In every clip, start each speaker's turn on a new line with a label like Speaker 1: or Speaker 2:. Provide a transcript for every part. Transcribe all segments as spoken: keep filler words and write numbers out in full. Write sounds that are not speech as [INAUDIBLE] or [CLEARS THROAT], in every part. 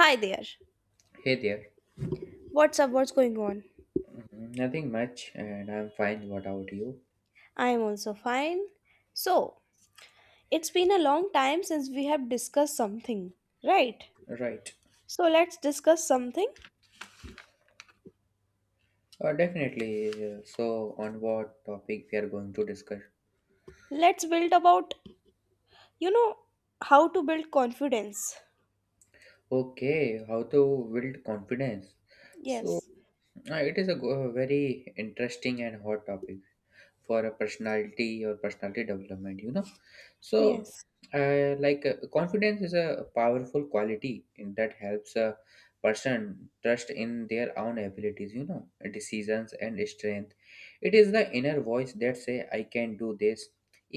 Speaker 1: Hi there.
Speaker 2: Hey there.
Speaker 1: What's up? What's going on?
Speaker 2: Mm, Nothing much, and I'm fine. What about you?
Speaker 1: I'm also fine. So, it's been a long time since we have discussed something, right?
Speaker 2: Right.
Speaker 1: So, let's discuss something.
Speaker 2: Uh, definitely. uh, So, on what topic we are going to discuss?
Speaker 1: Let's build about, you know, how to build confidence.
Speaker 2: Okay, how to build confidence. So,
Speaker 1: Yes.
Speaker 2: uh, it is a go- very interesting and hot topic for a personality or personality development, you know so
Speaker 1: Yes.
Speaker 2: uh, like uh, confidence is a powerful quality in- that helps a person trust in their own abilities, you know, decisions and strength. It is the inner voice that say I can do this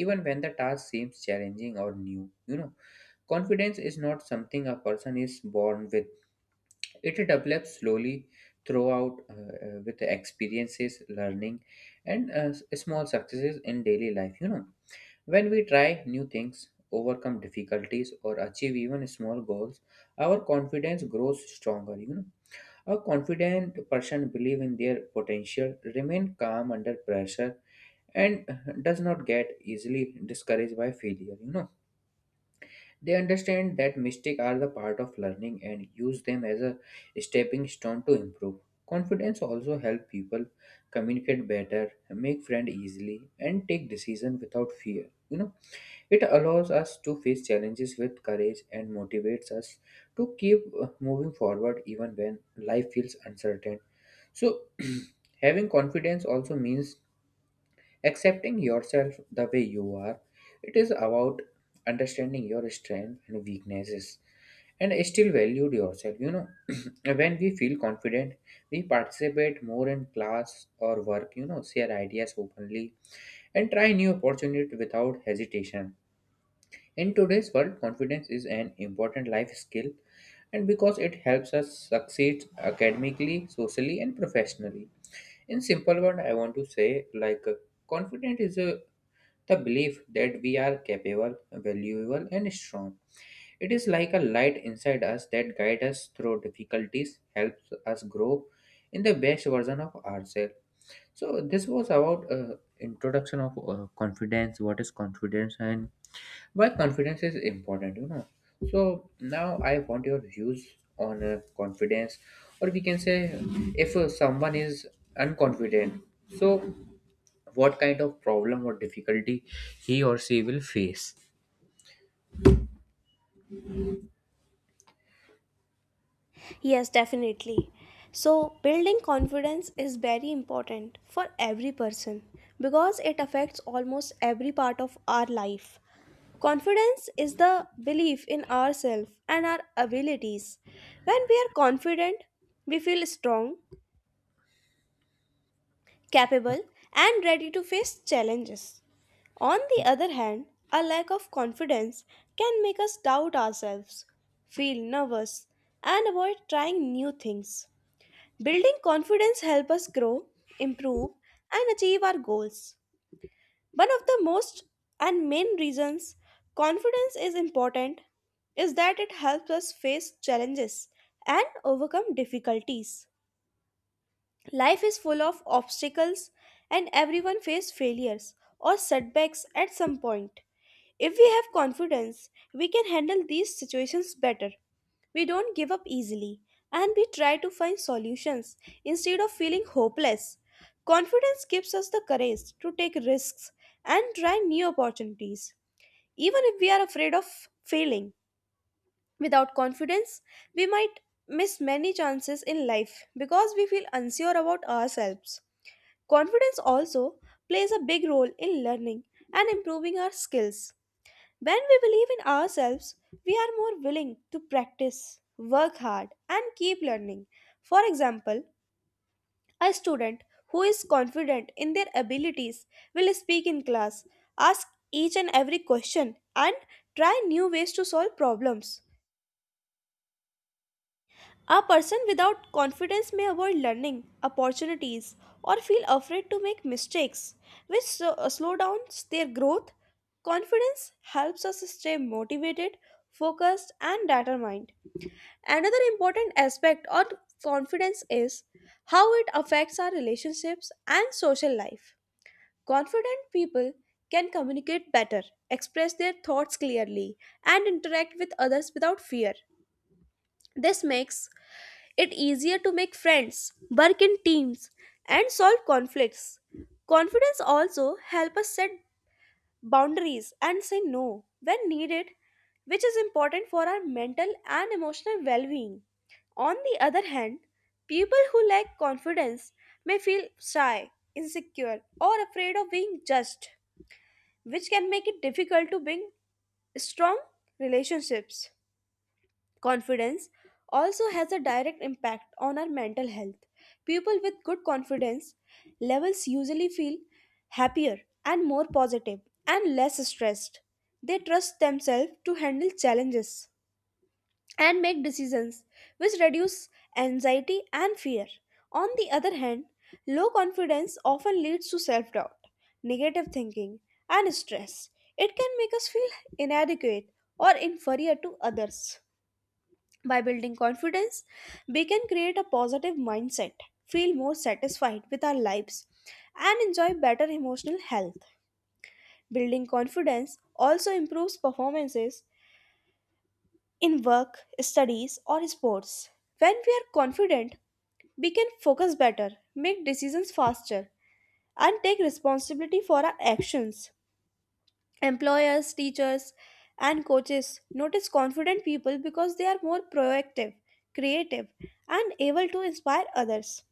Speaker 2: even when the task seems challenging or new, you know. Confidence is not something a person is born with. It develops slowly throughout uh, uh, with experiences, learning, and uh, s- small successes in daily life. You know, when we try new things, overcome difficulties, or achieve even small goals, our confidence grows stronger. You know, a confident person believe in their potential, remain calm under pressure, and uh, does not get easily discouraged by failure. You know, they understand that mistakes are the part of learning and use them as a stepping stone to improve. Confidence also helps people communicate better, make friends easily, and take decisions without fear. You know, it allows us to face challenges with courage and motivates us to keep uh, moving forward even when life feels uncertain. So, [CLEARS THROAT] having confidence also means accepting yourself the way you are. It is about understanding your strengths and weaknesses and still valued yourself, you know. [CLEARS THROAT] When we feel confident, we participate more in class or work, you know, share ideas openly and try new opportunities without hesitation. In today's world, confidence is an important life skill and because it helps us succeed academically, socially and professionally. In simple word, I want to say, like, confidence is a the belief that we are capable, valuable, and strong. It is like a light inside us that guides us through difficulties, helps us grow in the best version of ourselves. So this was about uh, introduction of uh, confidence. What is confidence and why confidence is important? You know. So now I want your views on uh, confidence, or we can say if uh, someone is unconfident, so what kind of problem or difficulty he or she will face.
Speaker 1: Yes, definitely. So, building confidence is very important for every person because it affects almost every part of our life. Confidence is the belief in ourselves and our abilities. When we are confident, we feel strong, capable, and ready to face challenges. On the other hand, a lack of confidence can make us doubt ourselves, feel nervous, and avoid trying new things. Building confidence helps us grow, improve, and achieve our goals. One of the most and main reasons confidence is important is that it helps us face challenges and overcome difficulties. Life is full of obstacles and everyone faces failures or setbacks at some point. If we have confidence, we can handle these situations better. We don't give up easily and we try to find solutions instead of feeling hopeless. Confidence gives us the courage to take risks and try new opportunities, even if we are afraid of failing. Without confidence, we might miss many chances in life because we feel unsure about ourselves. Confidence also plays a big role in learning and improving our skills. When we believe in ourselves, we are more willing to practice, work hard, and keep learning. For example, a student who is confident in their abilities will speak in class, ask each and every question, and try new ways to solve problems. A person without confidence may avoid learning opportunities or feel afraid to make mistakes, which so- uh, slow down their growth. Confidence helps us stay motivated, focused, and determined. Another important aspect of confidence is how it affects our relationships and social life. Confident people can communicate better, express their thoughts clearly, and interact with others without fear. This makes it easier to make friends, work in teams, and solve conflicts. Confidence also help us set boundaries and say no when needed, which is important for our mental and emotional well-being. On the other hand, people who lack confidence may feel shy, insecure, or afraid of being judged, which can make it difficult to build strong relationships. Confidence also has a direct impact on our mental health. People with good confidence levels usually feel happier and more positive and less stressed. They trust themselves to handle challenges and make decisions, which reduce anxiety and fear. On the other hand, low confidence often leads to self doubt, negative thinking, and stress. It can make us feel inadequate or inferior to others. By building confidence, we can create a positive mindset, feel more satisfied with our lives, and enjoy better emotional health. Building confidence also improves performances in work, studies, or sports. When we are confident, we can focus better, make decisions faster, and take responsibility for our actions. Employers, teachers, and coaches notice confident people because they are more proactive, creative, and able to inspire others.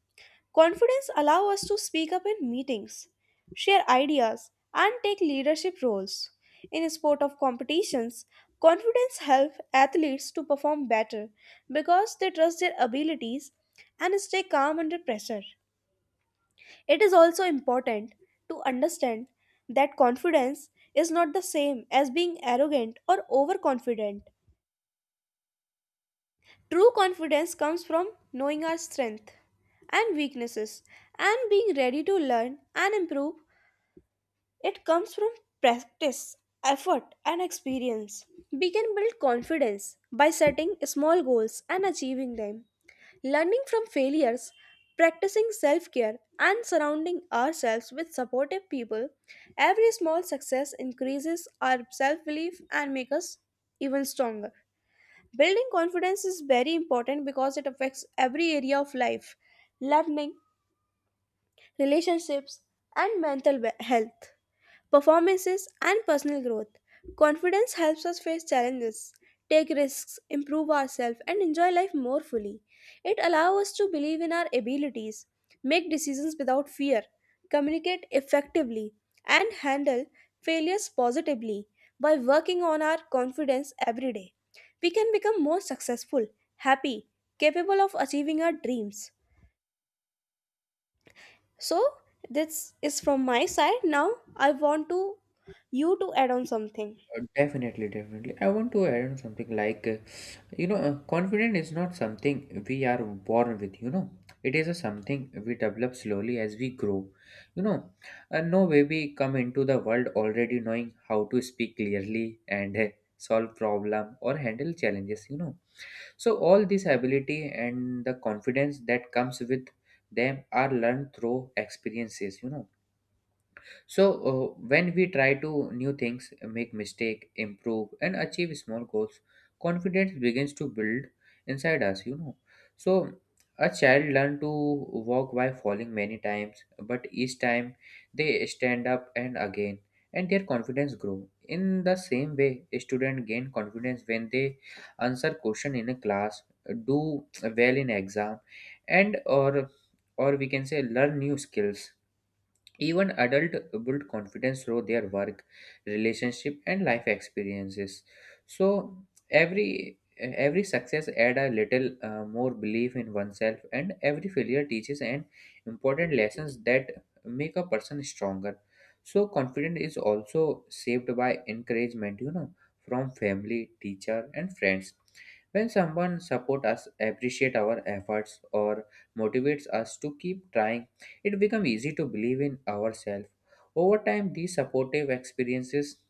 Speaker 1: Confidence allows us to speak up in meetings, share ideas, and take leadership roles. In sport of competitions, confidence helps athletes to perform better because they trust their abilities and stay calm under pressure. It is also important to understand that confidence is not the same as being arrogant or overconfident. True confidence comes from knowing our strength and weaknesses and being ready to learn and improve. It comes from practice, effort, and experience. We can build confidence by setting small goals and achieving them, learning from failures, practicing self care, and surrounding ourselves with supportive people. Every small success increases our self belief and makes us even stronger. Building confidence is very important because it affects every area of life learning, relationships, and mental we- health performances, and personal growth. Confidence helps us face challenges, take risks, improve ourselves, and enjoy life more fully. It allows us to believe in our abilities, make decisions without fear, communicate effectively, and handle failures positively. By working on our confidence every day, we can become more successful, happy, capable of achieving our dreams. So this is from my side. Now I want to you to add on something.
Speaker 2: Uh, Definitely, definitely. I want to add on something like, uh, you know, uh, confidence is not something we are born with, you know. It is a something we develop slowly as we grow. You know, uh, no baby come into the world already knowing how to speak clearly and uh, solve problem or handle challenges, you know. So all this ability and the confidence that comes with them are learned through experiences, you know. So uh, when we try to new things, make mistake, improve, and achieve small goals, confidence begins to build inside us. You know, so a child learn to walk by falling many times, but each time they stand up and again, and their confidence grow. In the same way, a student gain confidence when they answer question in a class, do well in exam, and or or we can say learn new skills. Even adults build confidence through their work, relationship, and life experiences. So every every success add a little uh, more belief in oneself, and every failure teaches an important lessons that make a person stronger. So confidence is also shaped by encouragement, you know, from family, teacher, and friends. When someone support us, appreciate our efforts, or motivates us to keep trying, it becomes easy to believe in ourselves. Over time, these supportive experiences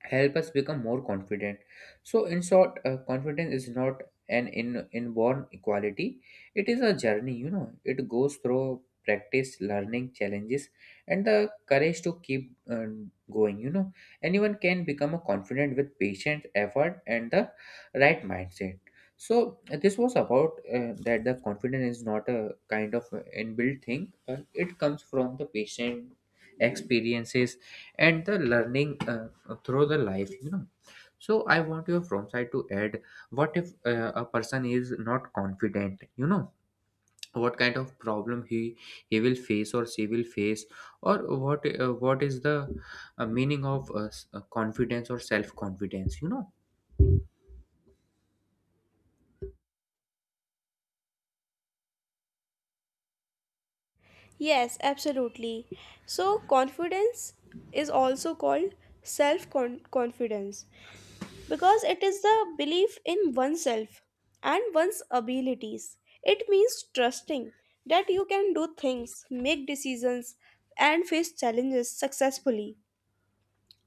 Speaker 2: help us become more confident. So in short, uh, confidence is not an in, inborn equality. It is a journey, you know. It goes through practice, learning, challenges, and the courage to keep uh, going, you know. Anyone can become a confident with patient effort and the right mindset. So uh, this was about uh, that the confidence is not a kind of uh, inbuilt thing. Uh, it comes from the patient experiences and the learning uh, through the life, you know. So I want you from side to add, what if uh, a person is not confident, you know, what kind of problem he he will face or she will face, or what uh, what is the uh, meaning of uh, s- uh, confidence or self confidence, you know.
Speaker 1: Yes, absolutely. So confidence is also called self confidence because it is the belief in oneself and one's abilities. It means trusting that you can do things, make decisions and face challenges successfully.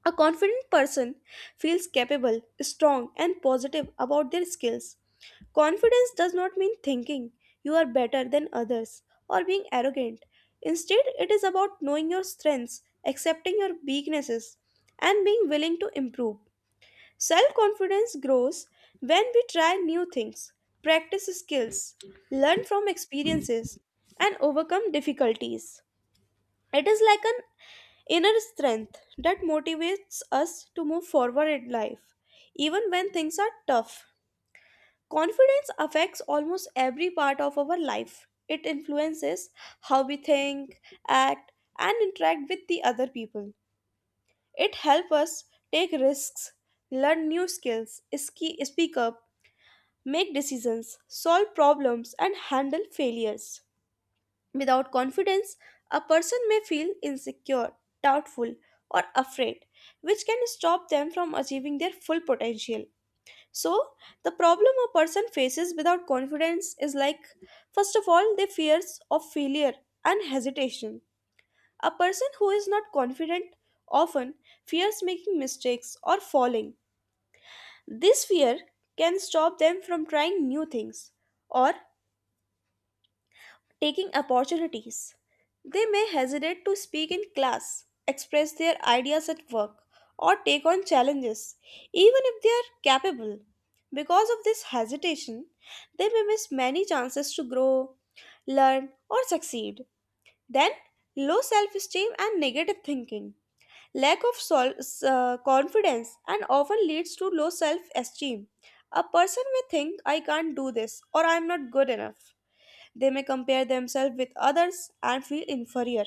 Speaker 1: A confident person feels capable, strong and positive about their skills. Confidence does not mean thinking you are better than others or being arrogant. Instead, it is about knowing your strengths, accepting your weaknesses, and being willing to improve. Self confidence grows when we try new things, practice skills, learn from experiences, and overcome difficulties. It is like an inner strength that motivates us to move forward in life, even when things are tough. Confidence affects almost every part of our life. It influences how we think, act, and interact with the other people. It helps us take risks, learn new skills, ski- speak up, make decisions, solve problems, and handle failures. Without confidence, a person may feel insecure, doubtful, or afraid, which can stop them from achieving their full potential. So, the problem a person faces without confidence is like first of all, they fears of failure and hesitation. A person who is not confident often fears making mistakes or falling. This fear can stop them from trying new things or taking opportunities. They may hesitate to speak in class, express their ideas at work, or take on challenges, even if they are capable. Because of this hesitation, they may miss many chances to grow, learn, or succeed. Then, low self esteem and negative thinking. Lack of sol- s- uh, confidence and often leads to low self esteem. A person may think, I can't do this or I'm not good enough. They may compare themselves with others and feel inferior.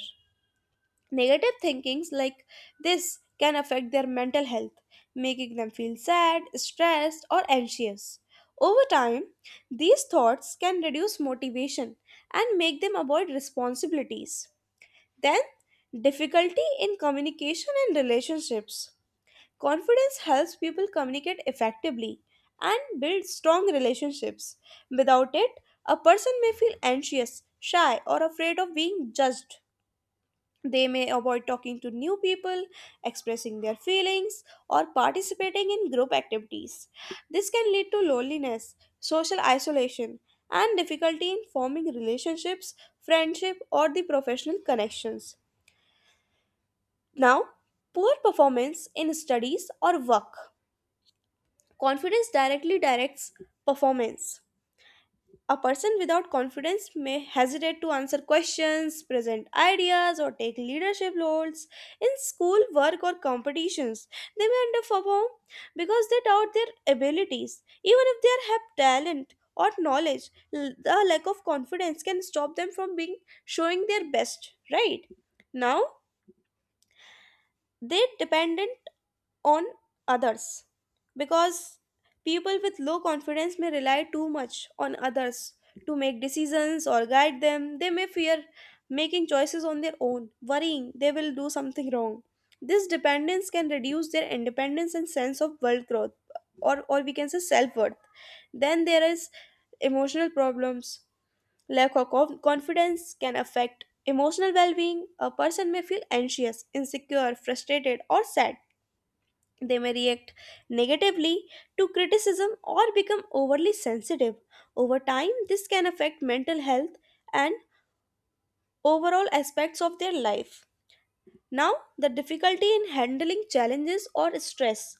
Speaker 1: Negative thinkings like this can affect their mental health, making them feel sad, stressed, or anxious. Over time, these thoughts can reduce motivation and make them avoid responsibilities. Then, difficulty in communication and relationships. Confidence helps people communicate effectively and build strong relationships. Without it, a person may feel anxious, shy, or afraid of being judged. They may avoid talking to new people, expressing their feelings, or participating in group activities. This can lead to loneliness, social isolation, and difficulty in forming relationships, friendship, or the professional connections. Now, poor performance in studies or work. Confidence directly directs performance. A person without confidence may hesitate to answer questions, present ideas, or take leadership roles in school, work, or competitions. They may underperform because they doubt their abilities. Even if they have talent or knowledge, l- the lack of confidence can stop them from being showing their best, right? Now, they dependent on others because people with low confidence may rely too much on others to make decisions or guide them. They may fear making choices on their own, worrying they will do something wrong. This dependence can reduce their independence and sense of world growth, or or we can say self worth. Then there is emotional problems. Lack of conf- confidence can affect emotional well being. A person may feel anxious, insecure, frustrated, or sad. They may react negatively to criticism or become overly sensitive. Over time, this can affect mental health and overall aspects of their life. Now, the difficulty in handling challenges or stress.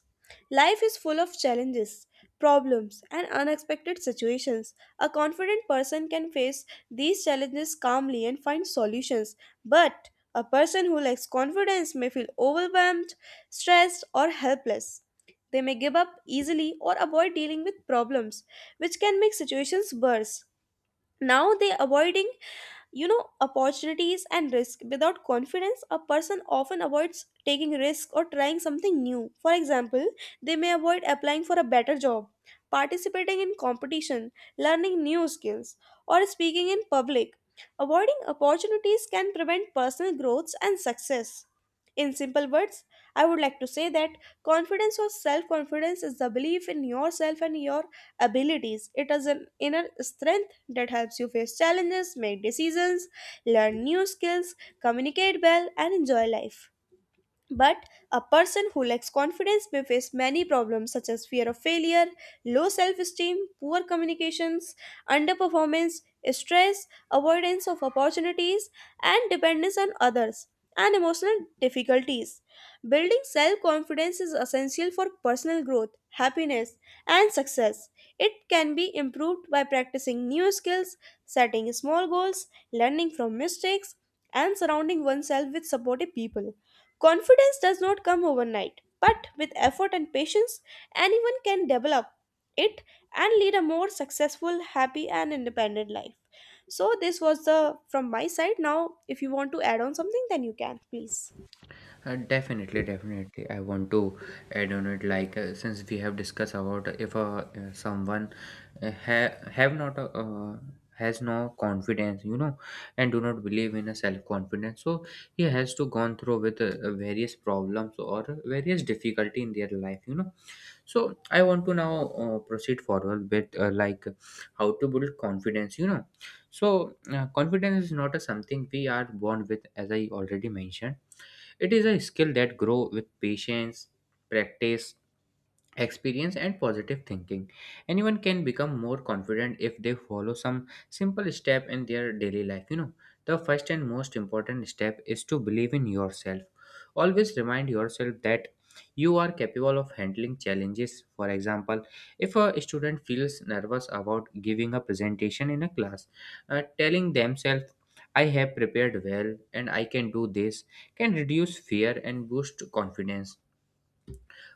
Speaker 1: Life is full of challenges, problems, and unexpected situations. A confident person can face these challenges calmly and find solutions, but a person who lacks confidence may feel overwhelmed, stressed, or helpless. They may give up easily or avoid dealing with problems, which can make situations worse. Now, they avoiding you know opportunities and risk. Without confidence, a person often avoids taking risk or trying something new. For example, they may avoid applying for a better job, participating in competition, learning new skills, or speaking in public. Avoiding opportunities can prevent personal growths and success. In simple words, I would like to say that confidence or self confidence is the belief in yourself and your abilities. It is an inner strength that helps you face challenges, make decisions, learn new skills, communicate well, and enjoy life. But a person who lacks confidence may face many problems such as fear of failure, low self esteem, poor communications, underperformance, stress, avoidance of opportunities, and dependence on others, and emotional difficulties. Building self confidence is essential for personal growth, happiness, and success. It can be improved by practicing new skills, setting small goals, learning from mistakes, and surrounding oneself with supportive people. Confidence does not come overnight, but with effort and patience, anyone can develop it and lead a more successful, happy, and independent life. So, this was the from my side. Now, if you want to add on something, then you can, please.
Speaker 2: Uh, definitely, definitely. I want to add on it. Like, uh, since we have discussed about, if uh, uh, someone uh, ha- have not uh, uh, has no confidence, you know, and do not believe in a self confidence, so he has to gone through with uh, uh, various problems or various difficulty in their life, you know. So I want to now uh, proceed forward with, uh, like, how to build confidence, you know. So uh, confidence is not a something we are born with, as I already mentioned. It is a skill that grow with patience, practice, experience and positive thinking. Anyone can become more confident if they follow some simple step in their daily life. You know, the first and most important step is to believe in yourself. Always remind yourself that you are capable of handling challenges. For example, if a student feels nervous about giving a presentation in a class, uh, telling themselves, I have prepared well and I can do this, can reduce fear and boost confidence.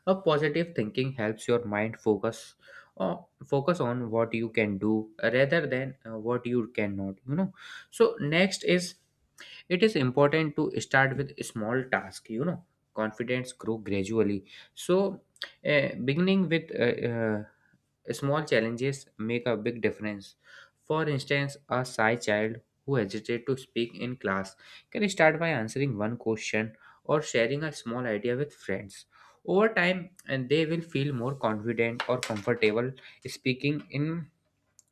Speaker 2: A positive thinking helps your mind focus or focus on what you can do rather than uh, what you cannot, you know. So next is, it is important to start with small task, you know. Confidence grow gradually. So uh, beginning with uh, uh, small challenges make a big difference. For instance, a shy child who hesitates to speak in class can start by answering one question or sharing a small idea with friends. Over time, and they will feel more confident or comfortable speaking in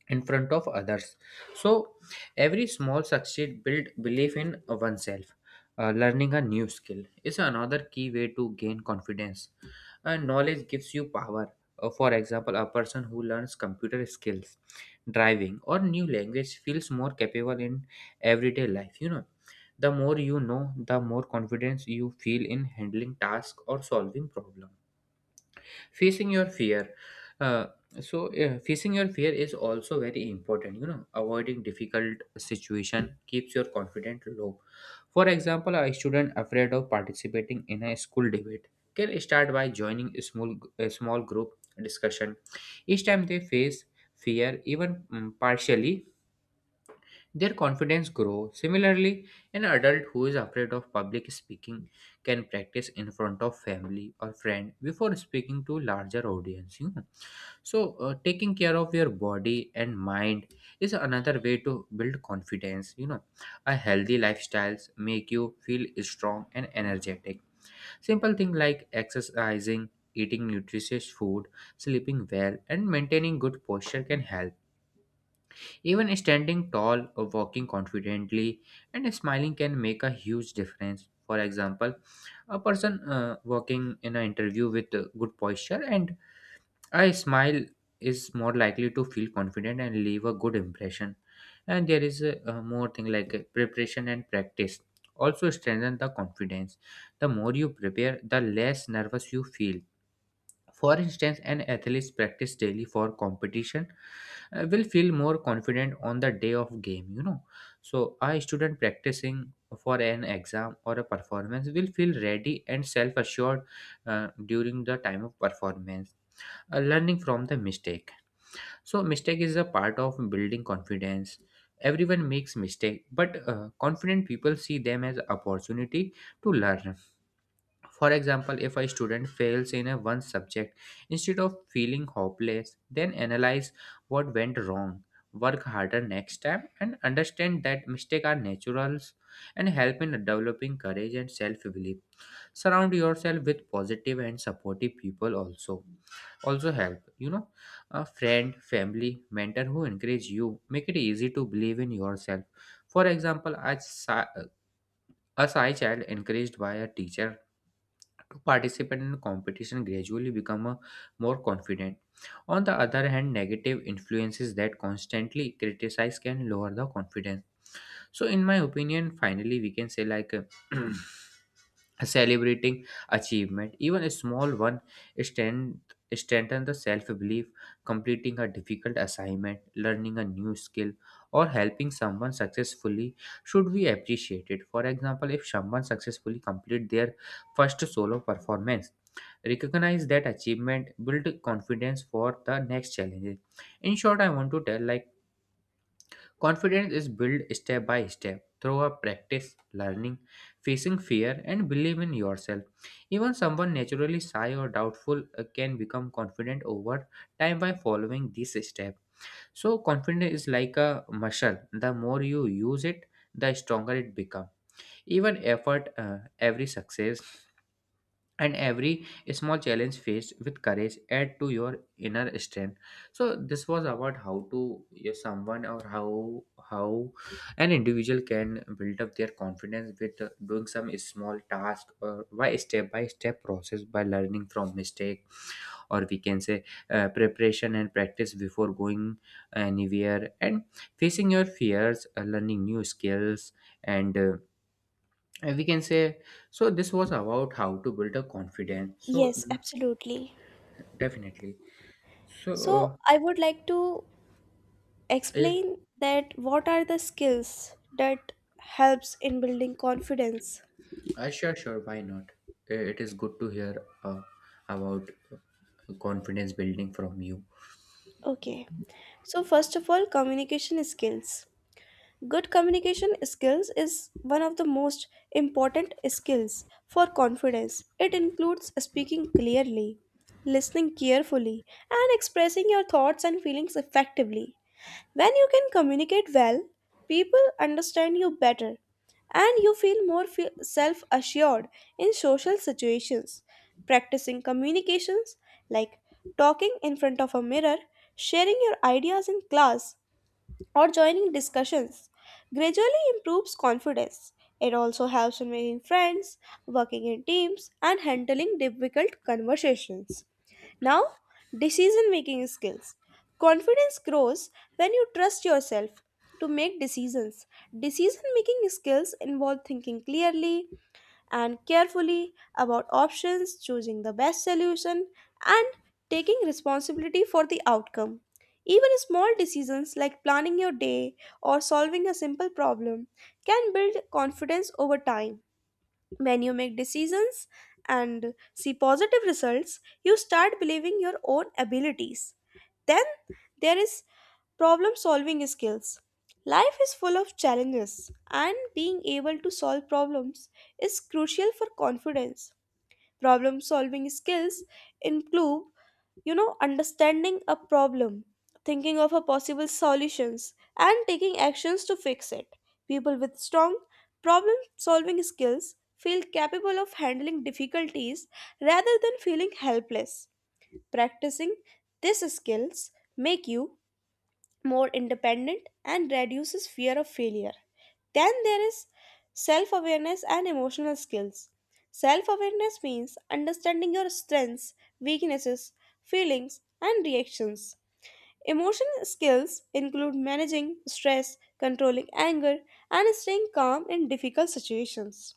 Speaker 2: in front of others. So, every small success build belief in oneself. Uh, learning a new skill is another key way to gain confidence. And knowledge gives you power. Uh, for example, a person who learns computer skills, driving, or new language feels more capable in everyday life. You know, the more you know, the more confidence you feel in handling tasks or solving problems. Facing your fear, uh, so uh, facing your fear is also very important, you know. Avoiding difficult situation keeps your confidence low. For example, a student afraid of participating in a school debate can start by joining a small a small group discussion. Each time they face fear, even mm, partially, their confidence grows. Similarly, an adult who is afraid of public speaking can practice in front of family or friend before speaking to larger audience. You know? So, uh, taking care of your body and mind is another way to build confidence. You know, a healthy lifestyles make you feel strong and energetic. Simple things like exercising, eating nutritious food, sleeping well, and maintaining good posture can help. Even standing tall or walking confidently and smiling can make a huge difference. For example, a person uh, walking in an interview with uh, good posture and a smile is more likely to feel confident and leave a good impression. And there is a, uh, more thing like, uh, preparation and practice also strengthen the confidence. The more you prepare, the less nervous you feel. For instance, an athlete practice daily for competition uh, will feel more confident on the day of game, you know. So a student practicing for an exam or a performance will feel ready and self assured uh, during the time of performance. Uh, learning from the mistake, so mistake is a part of building confidence. Everyone makes mistake, but uh, confident people see them as opportunity to learn. For example, if a student fails in a one subject, instead of feeling hopeless, then analyze what went wrong, work harder next time, and understand that mistakes are naturals and help in developing courage and self-belief. Surround yourself with positive and supportive people also also help, you know. A friend, family, mentor who encourage you make it easy to believe in yourself. For example, as a shy child encouraged by a teacher to participate in competition gradually become a more confident. On the other hand, negative influences that constantly criticize can lower the confidence. So, in my opinion, finally, we can say like. [CLEARS THROAT] Celebrating achievement, even a small one, strength strengthen the self-belief. Completing a difficult assignment, learning a new skill, or helping someone successfully should be appreciated. For example, if someone successfully complete their first solo performance, recognize that achievement build confidence for the next challenges. In short, I want to tell like, confidence is built step by step through a practice, learning, facing fear, and believe in yourself. Even someone naturally shy or doubtful uh, can become confident over time by following this step. So confidence is like a muscle. The more you use it, the stronger it becomes. Even effort, uh, every success, and every small challenge faced with courage add to your inner strength. So this was about how to, yeah, someone or how how an individual can build up their confidence with uh, doing some small task, or by step by step process, by learning from mistake. Or we can say uh, preparation and practice before going anywhere, and facing your fears, uh, learning new skills, and uh, uh, we can say. So this was about how to build a confidence so
Speaker 1: Yes,
Speaker 2: n-
Speaker 1: absolutely.
Speaker 2: definitely. so uh,
Speaker 1: So, I would like to
Speaker 2: yeah.
Speaker 1: explain that what are the skills that helps in building confidence.
Speaker 2: Uh, sure, sure, why not. Uh, it is good to hear uh, about uh, confidence building from you.
Speaker 1: Okay. So, first of all, communication skills. Good communication skills is one of the most important skills for confidence. It includes speaking clearly, listening carefully, and expressing your thoughts and feelings effectively. When you can communicate well, people understand you better and you feel more self assured in social situations. Practicing communications like talking in front of a mirror, sharing your ideas in class, or joining discussions gradually improves confidence. It also helps in making friends, working in teams, and handling difficult conversations. Now, decision making skills. Confidence grows when you trust yourself to make decisions. Decision making skills involve thinking clearly, and carefully about options, choosing the best solution, and taking responsibility for the outcome. Even small decisions like planning your day or solving a simple problem can build confidence over time. When you make decisions and see positive results, you start believing your own abilities. Then there is problem solving skills. Life is full of challenges, and being able to solve problems is crucial for confidence. Problem solving skills include you know understanding a problem, thinking of a possible solutions, and taking actions to fix it. People with strong problem solving skills feel capable of handling difficulties rather than feeling helpless. Practicing these skills make you more independent, and reduces fear of failure. Then there is self awareness and emotional skills. Self awareness means understanding your strengths, weaknesses, feelings, and reactions. Emotional skills include managing stress, controlling anger, and staying calm in difficult situations.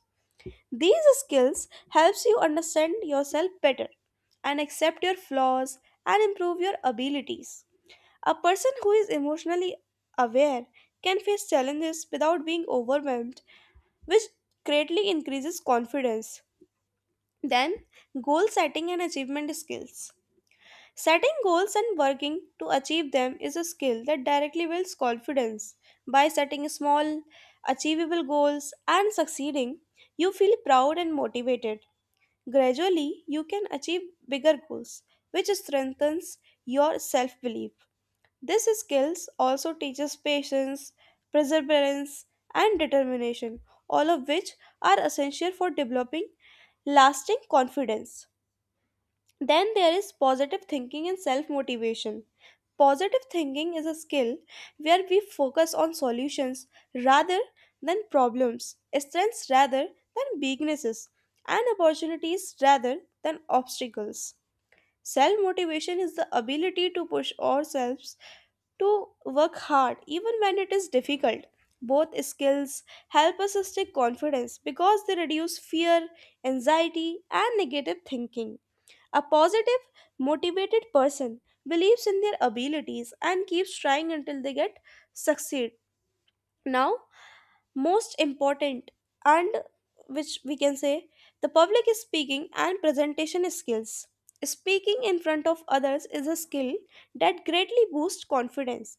Speaker 1: These skills helps you understand yourself better and accept your flaws and improve your abilities. A person who is emotionally aware can face challenges without being overwhelmed, which greatly increases confidence. Then, goal setting and achievement skills. Setting goals and working to achieve them is a skill that directly builds confidence. By setting small, achievable goals and succeeding, you feel proud and motivated. Gradually, you can achieve bigger goals, which strengthens your self belief. These skills also teaches patience, perseverance, and determination, all of which are essential for developing lasting confidence. Then there is positive thinking and self motivation. Positive thinking is a skill where we focus on solutions rather than problems, strengths rather than weaknesses, and opportunities rather than obstacles. Self motivation is the ability to push ourselves to work hard even when it is difficult. Both skills help us stay confident because they reduce fear, anxiety, and negative thinking. A positive, motivated person believes in their abilities and keeps trying until they get succeed. Now, most important and which we can say the public speaking and presentation skills. Speaking in front of others is a skill that greatly boosts confidence.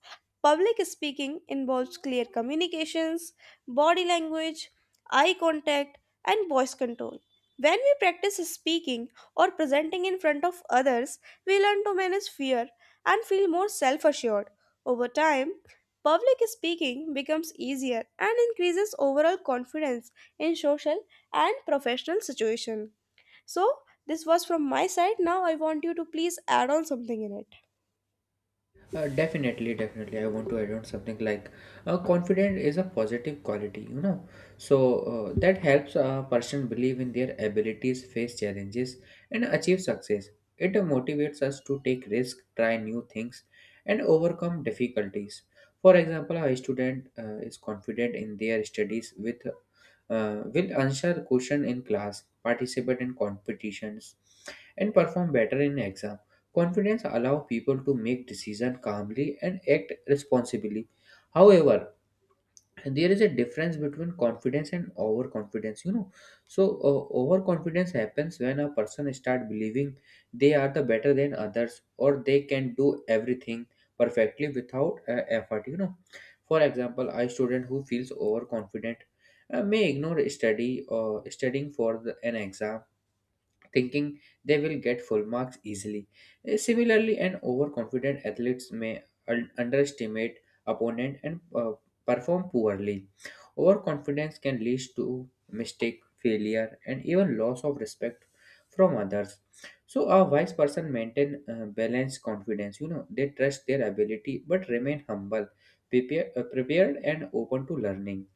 Speaker 1: Public speaking involves clear communications, body language, eye contact, and voice control. When we practice speaking or presenting in front of others, we learn to manage fear and feel more self assured. Over time, public speaking becomes easier and increases overall confidence in social and professional situation. So, this was from my side. Now I want you to please add on something in it.
Speaker 2: Uh, definitely, definitely. I want to add on something like, uh, confident is a positive quality, you know. So uh, that helps a person believe in their abilities, face challenges, and achieve success. It motivates us to take risks, try new things, and overcome difficulties. For example, a student uh, is confident in their studies with uh, will answer question in class, participate in competitions, and perform better in exams. Confidence allows people to make decisions calmly and act responsibly. However, there is a difference between confidence and overconfidence, you know. So uh, overconfidence happens when a person start believing they are the better than others, or they can do everything perfectly without uh, effort, you know. For example, a student who feels overconfident uh, may ignore study, or studying for the, an exam, thinking they will get full marks easily. Eh, Similarly, an overconfident athletes may un- underestimate opponent and uh, perform poorly. Overconfidence can lead to mistake, failure, and even loss of respect from others. So a wise person maintain uh, balanced confidence. You know, they trust their ability but remain humble, prepare, uh, prepared, and open to learning.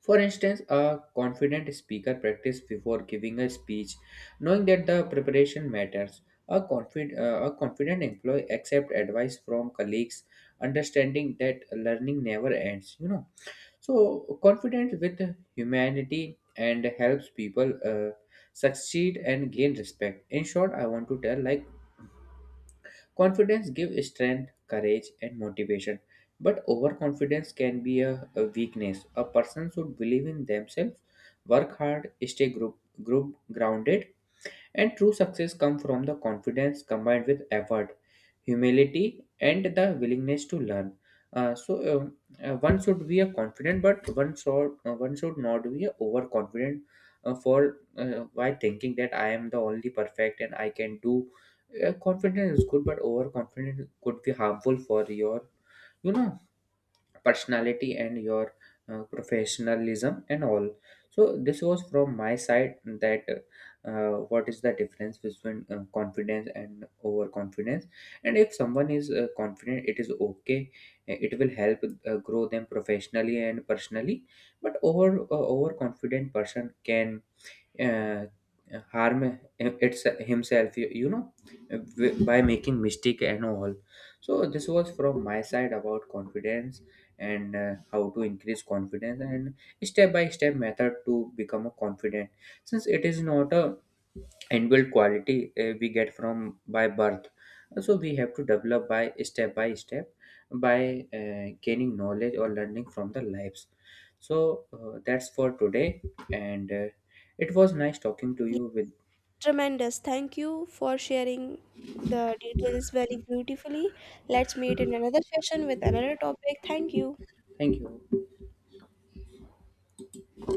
Speaker 2: For instance, a confident speaker practices before giving a speech, knowing that the preparation matters. A, confid- uh, a confident employee accepts advice from colleagues, understanding that learning never ends, you know. So confident with humanity, and helps people uh, succeed and gain respect. In short, I want to tell like, Confidence gives strength, courage, and motivation, but overconfidence can be a, a weakness. A person should believe in themselves, work hard, stay group, group grounded, and true success comes from the confidence combined with effort, humility, and the willingness to learn. Uh, so um, uh, one should be a confident, but one should uh, one should not be a overconfident, uh, for uh, by thinking that I am the only perfect and I can do. Uh, confidence is good, but overconfidence could be harmful for your, you know, personality and your uh, professionalism and all. So this was from my side, that uh, what is the difference between uh, confidence and overconfidence. And if someone is uh, confident, it is okay. Uh, it will help uh, grow them professionally and personally, but over uh, overconfident person can uh, harm it's himself, you, you know, w- by making mistake and all. So this was from my side about confidence, and uh, how to increase confidence, and step by step method to become a confident, since it is not a and build quality uh, we get from by birth. So we have to develop by step by step, by uh, gaining knowledge or learning from the lives. So uh, that's for today, and uh, it was nice talking to
Speaker 1: Yeah,
Speaker 2: you with
Speaker 1: tremendous. Thank you for sharing the details very beautifully. Let's meet in another session with another topic. Thank you.
Speaker 2: thank you.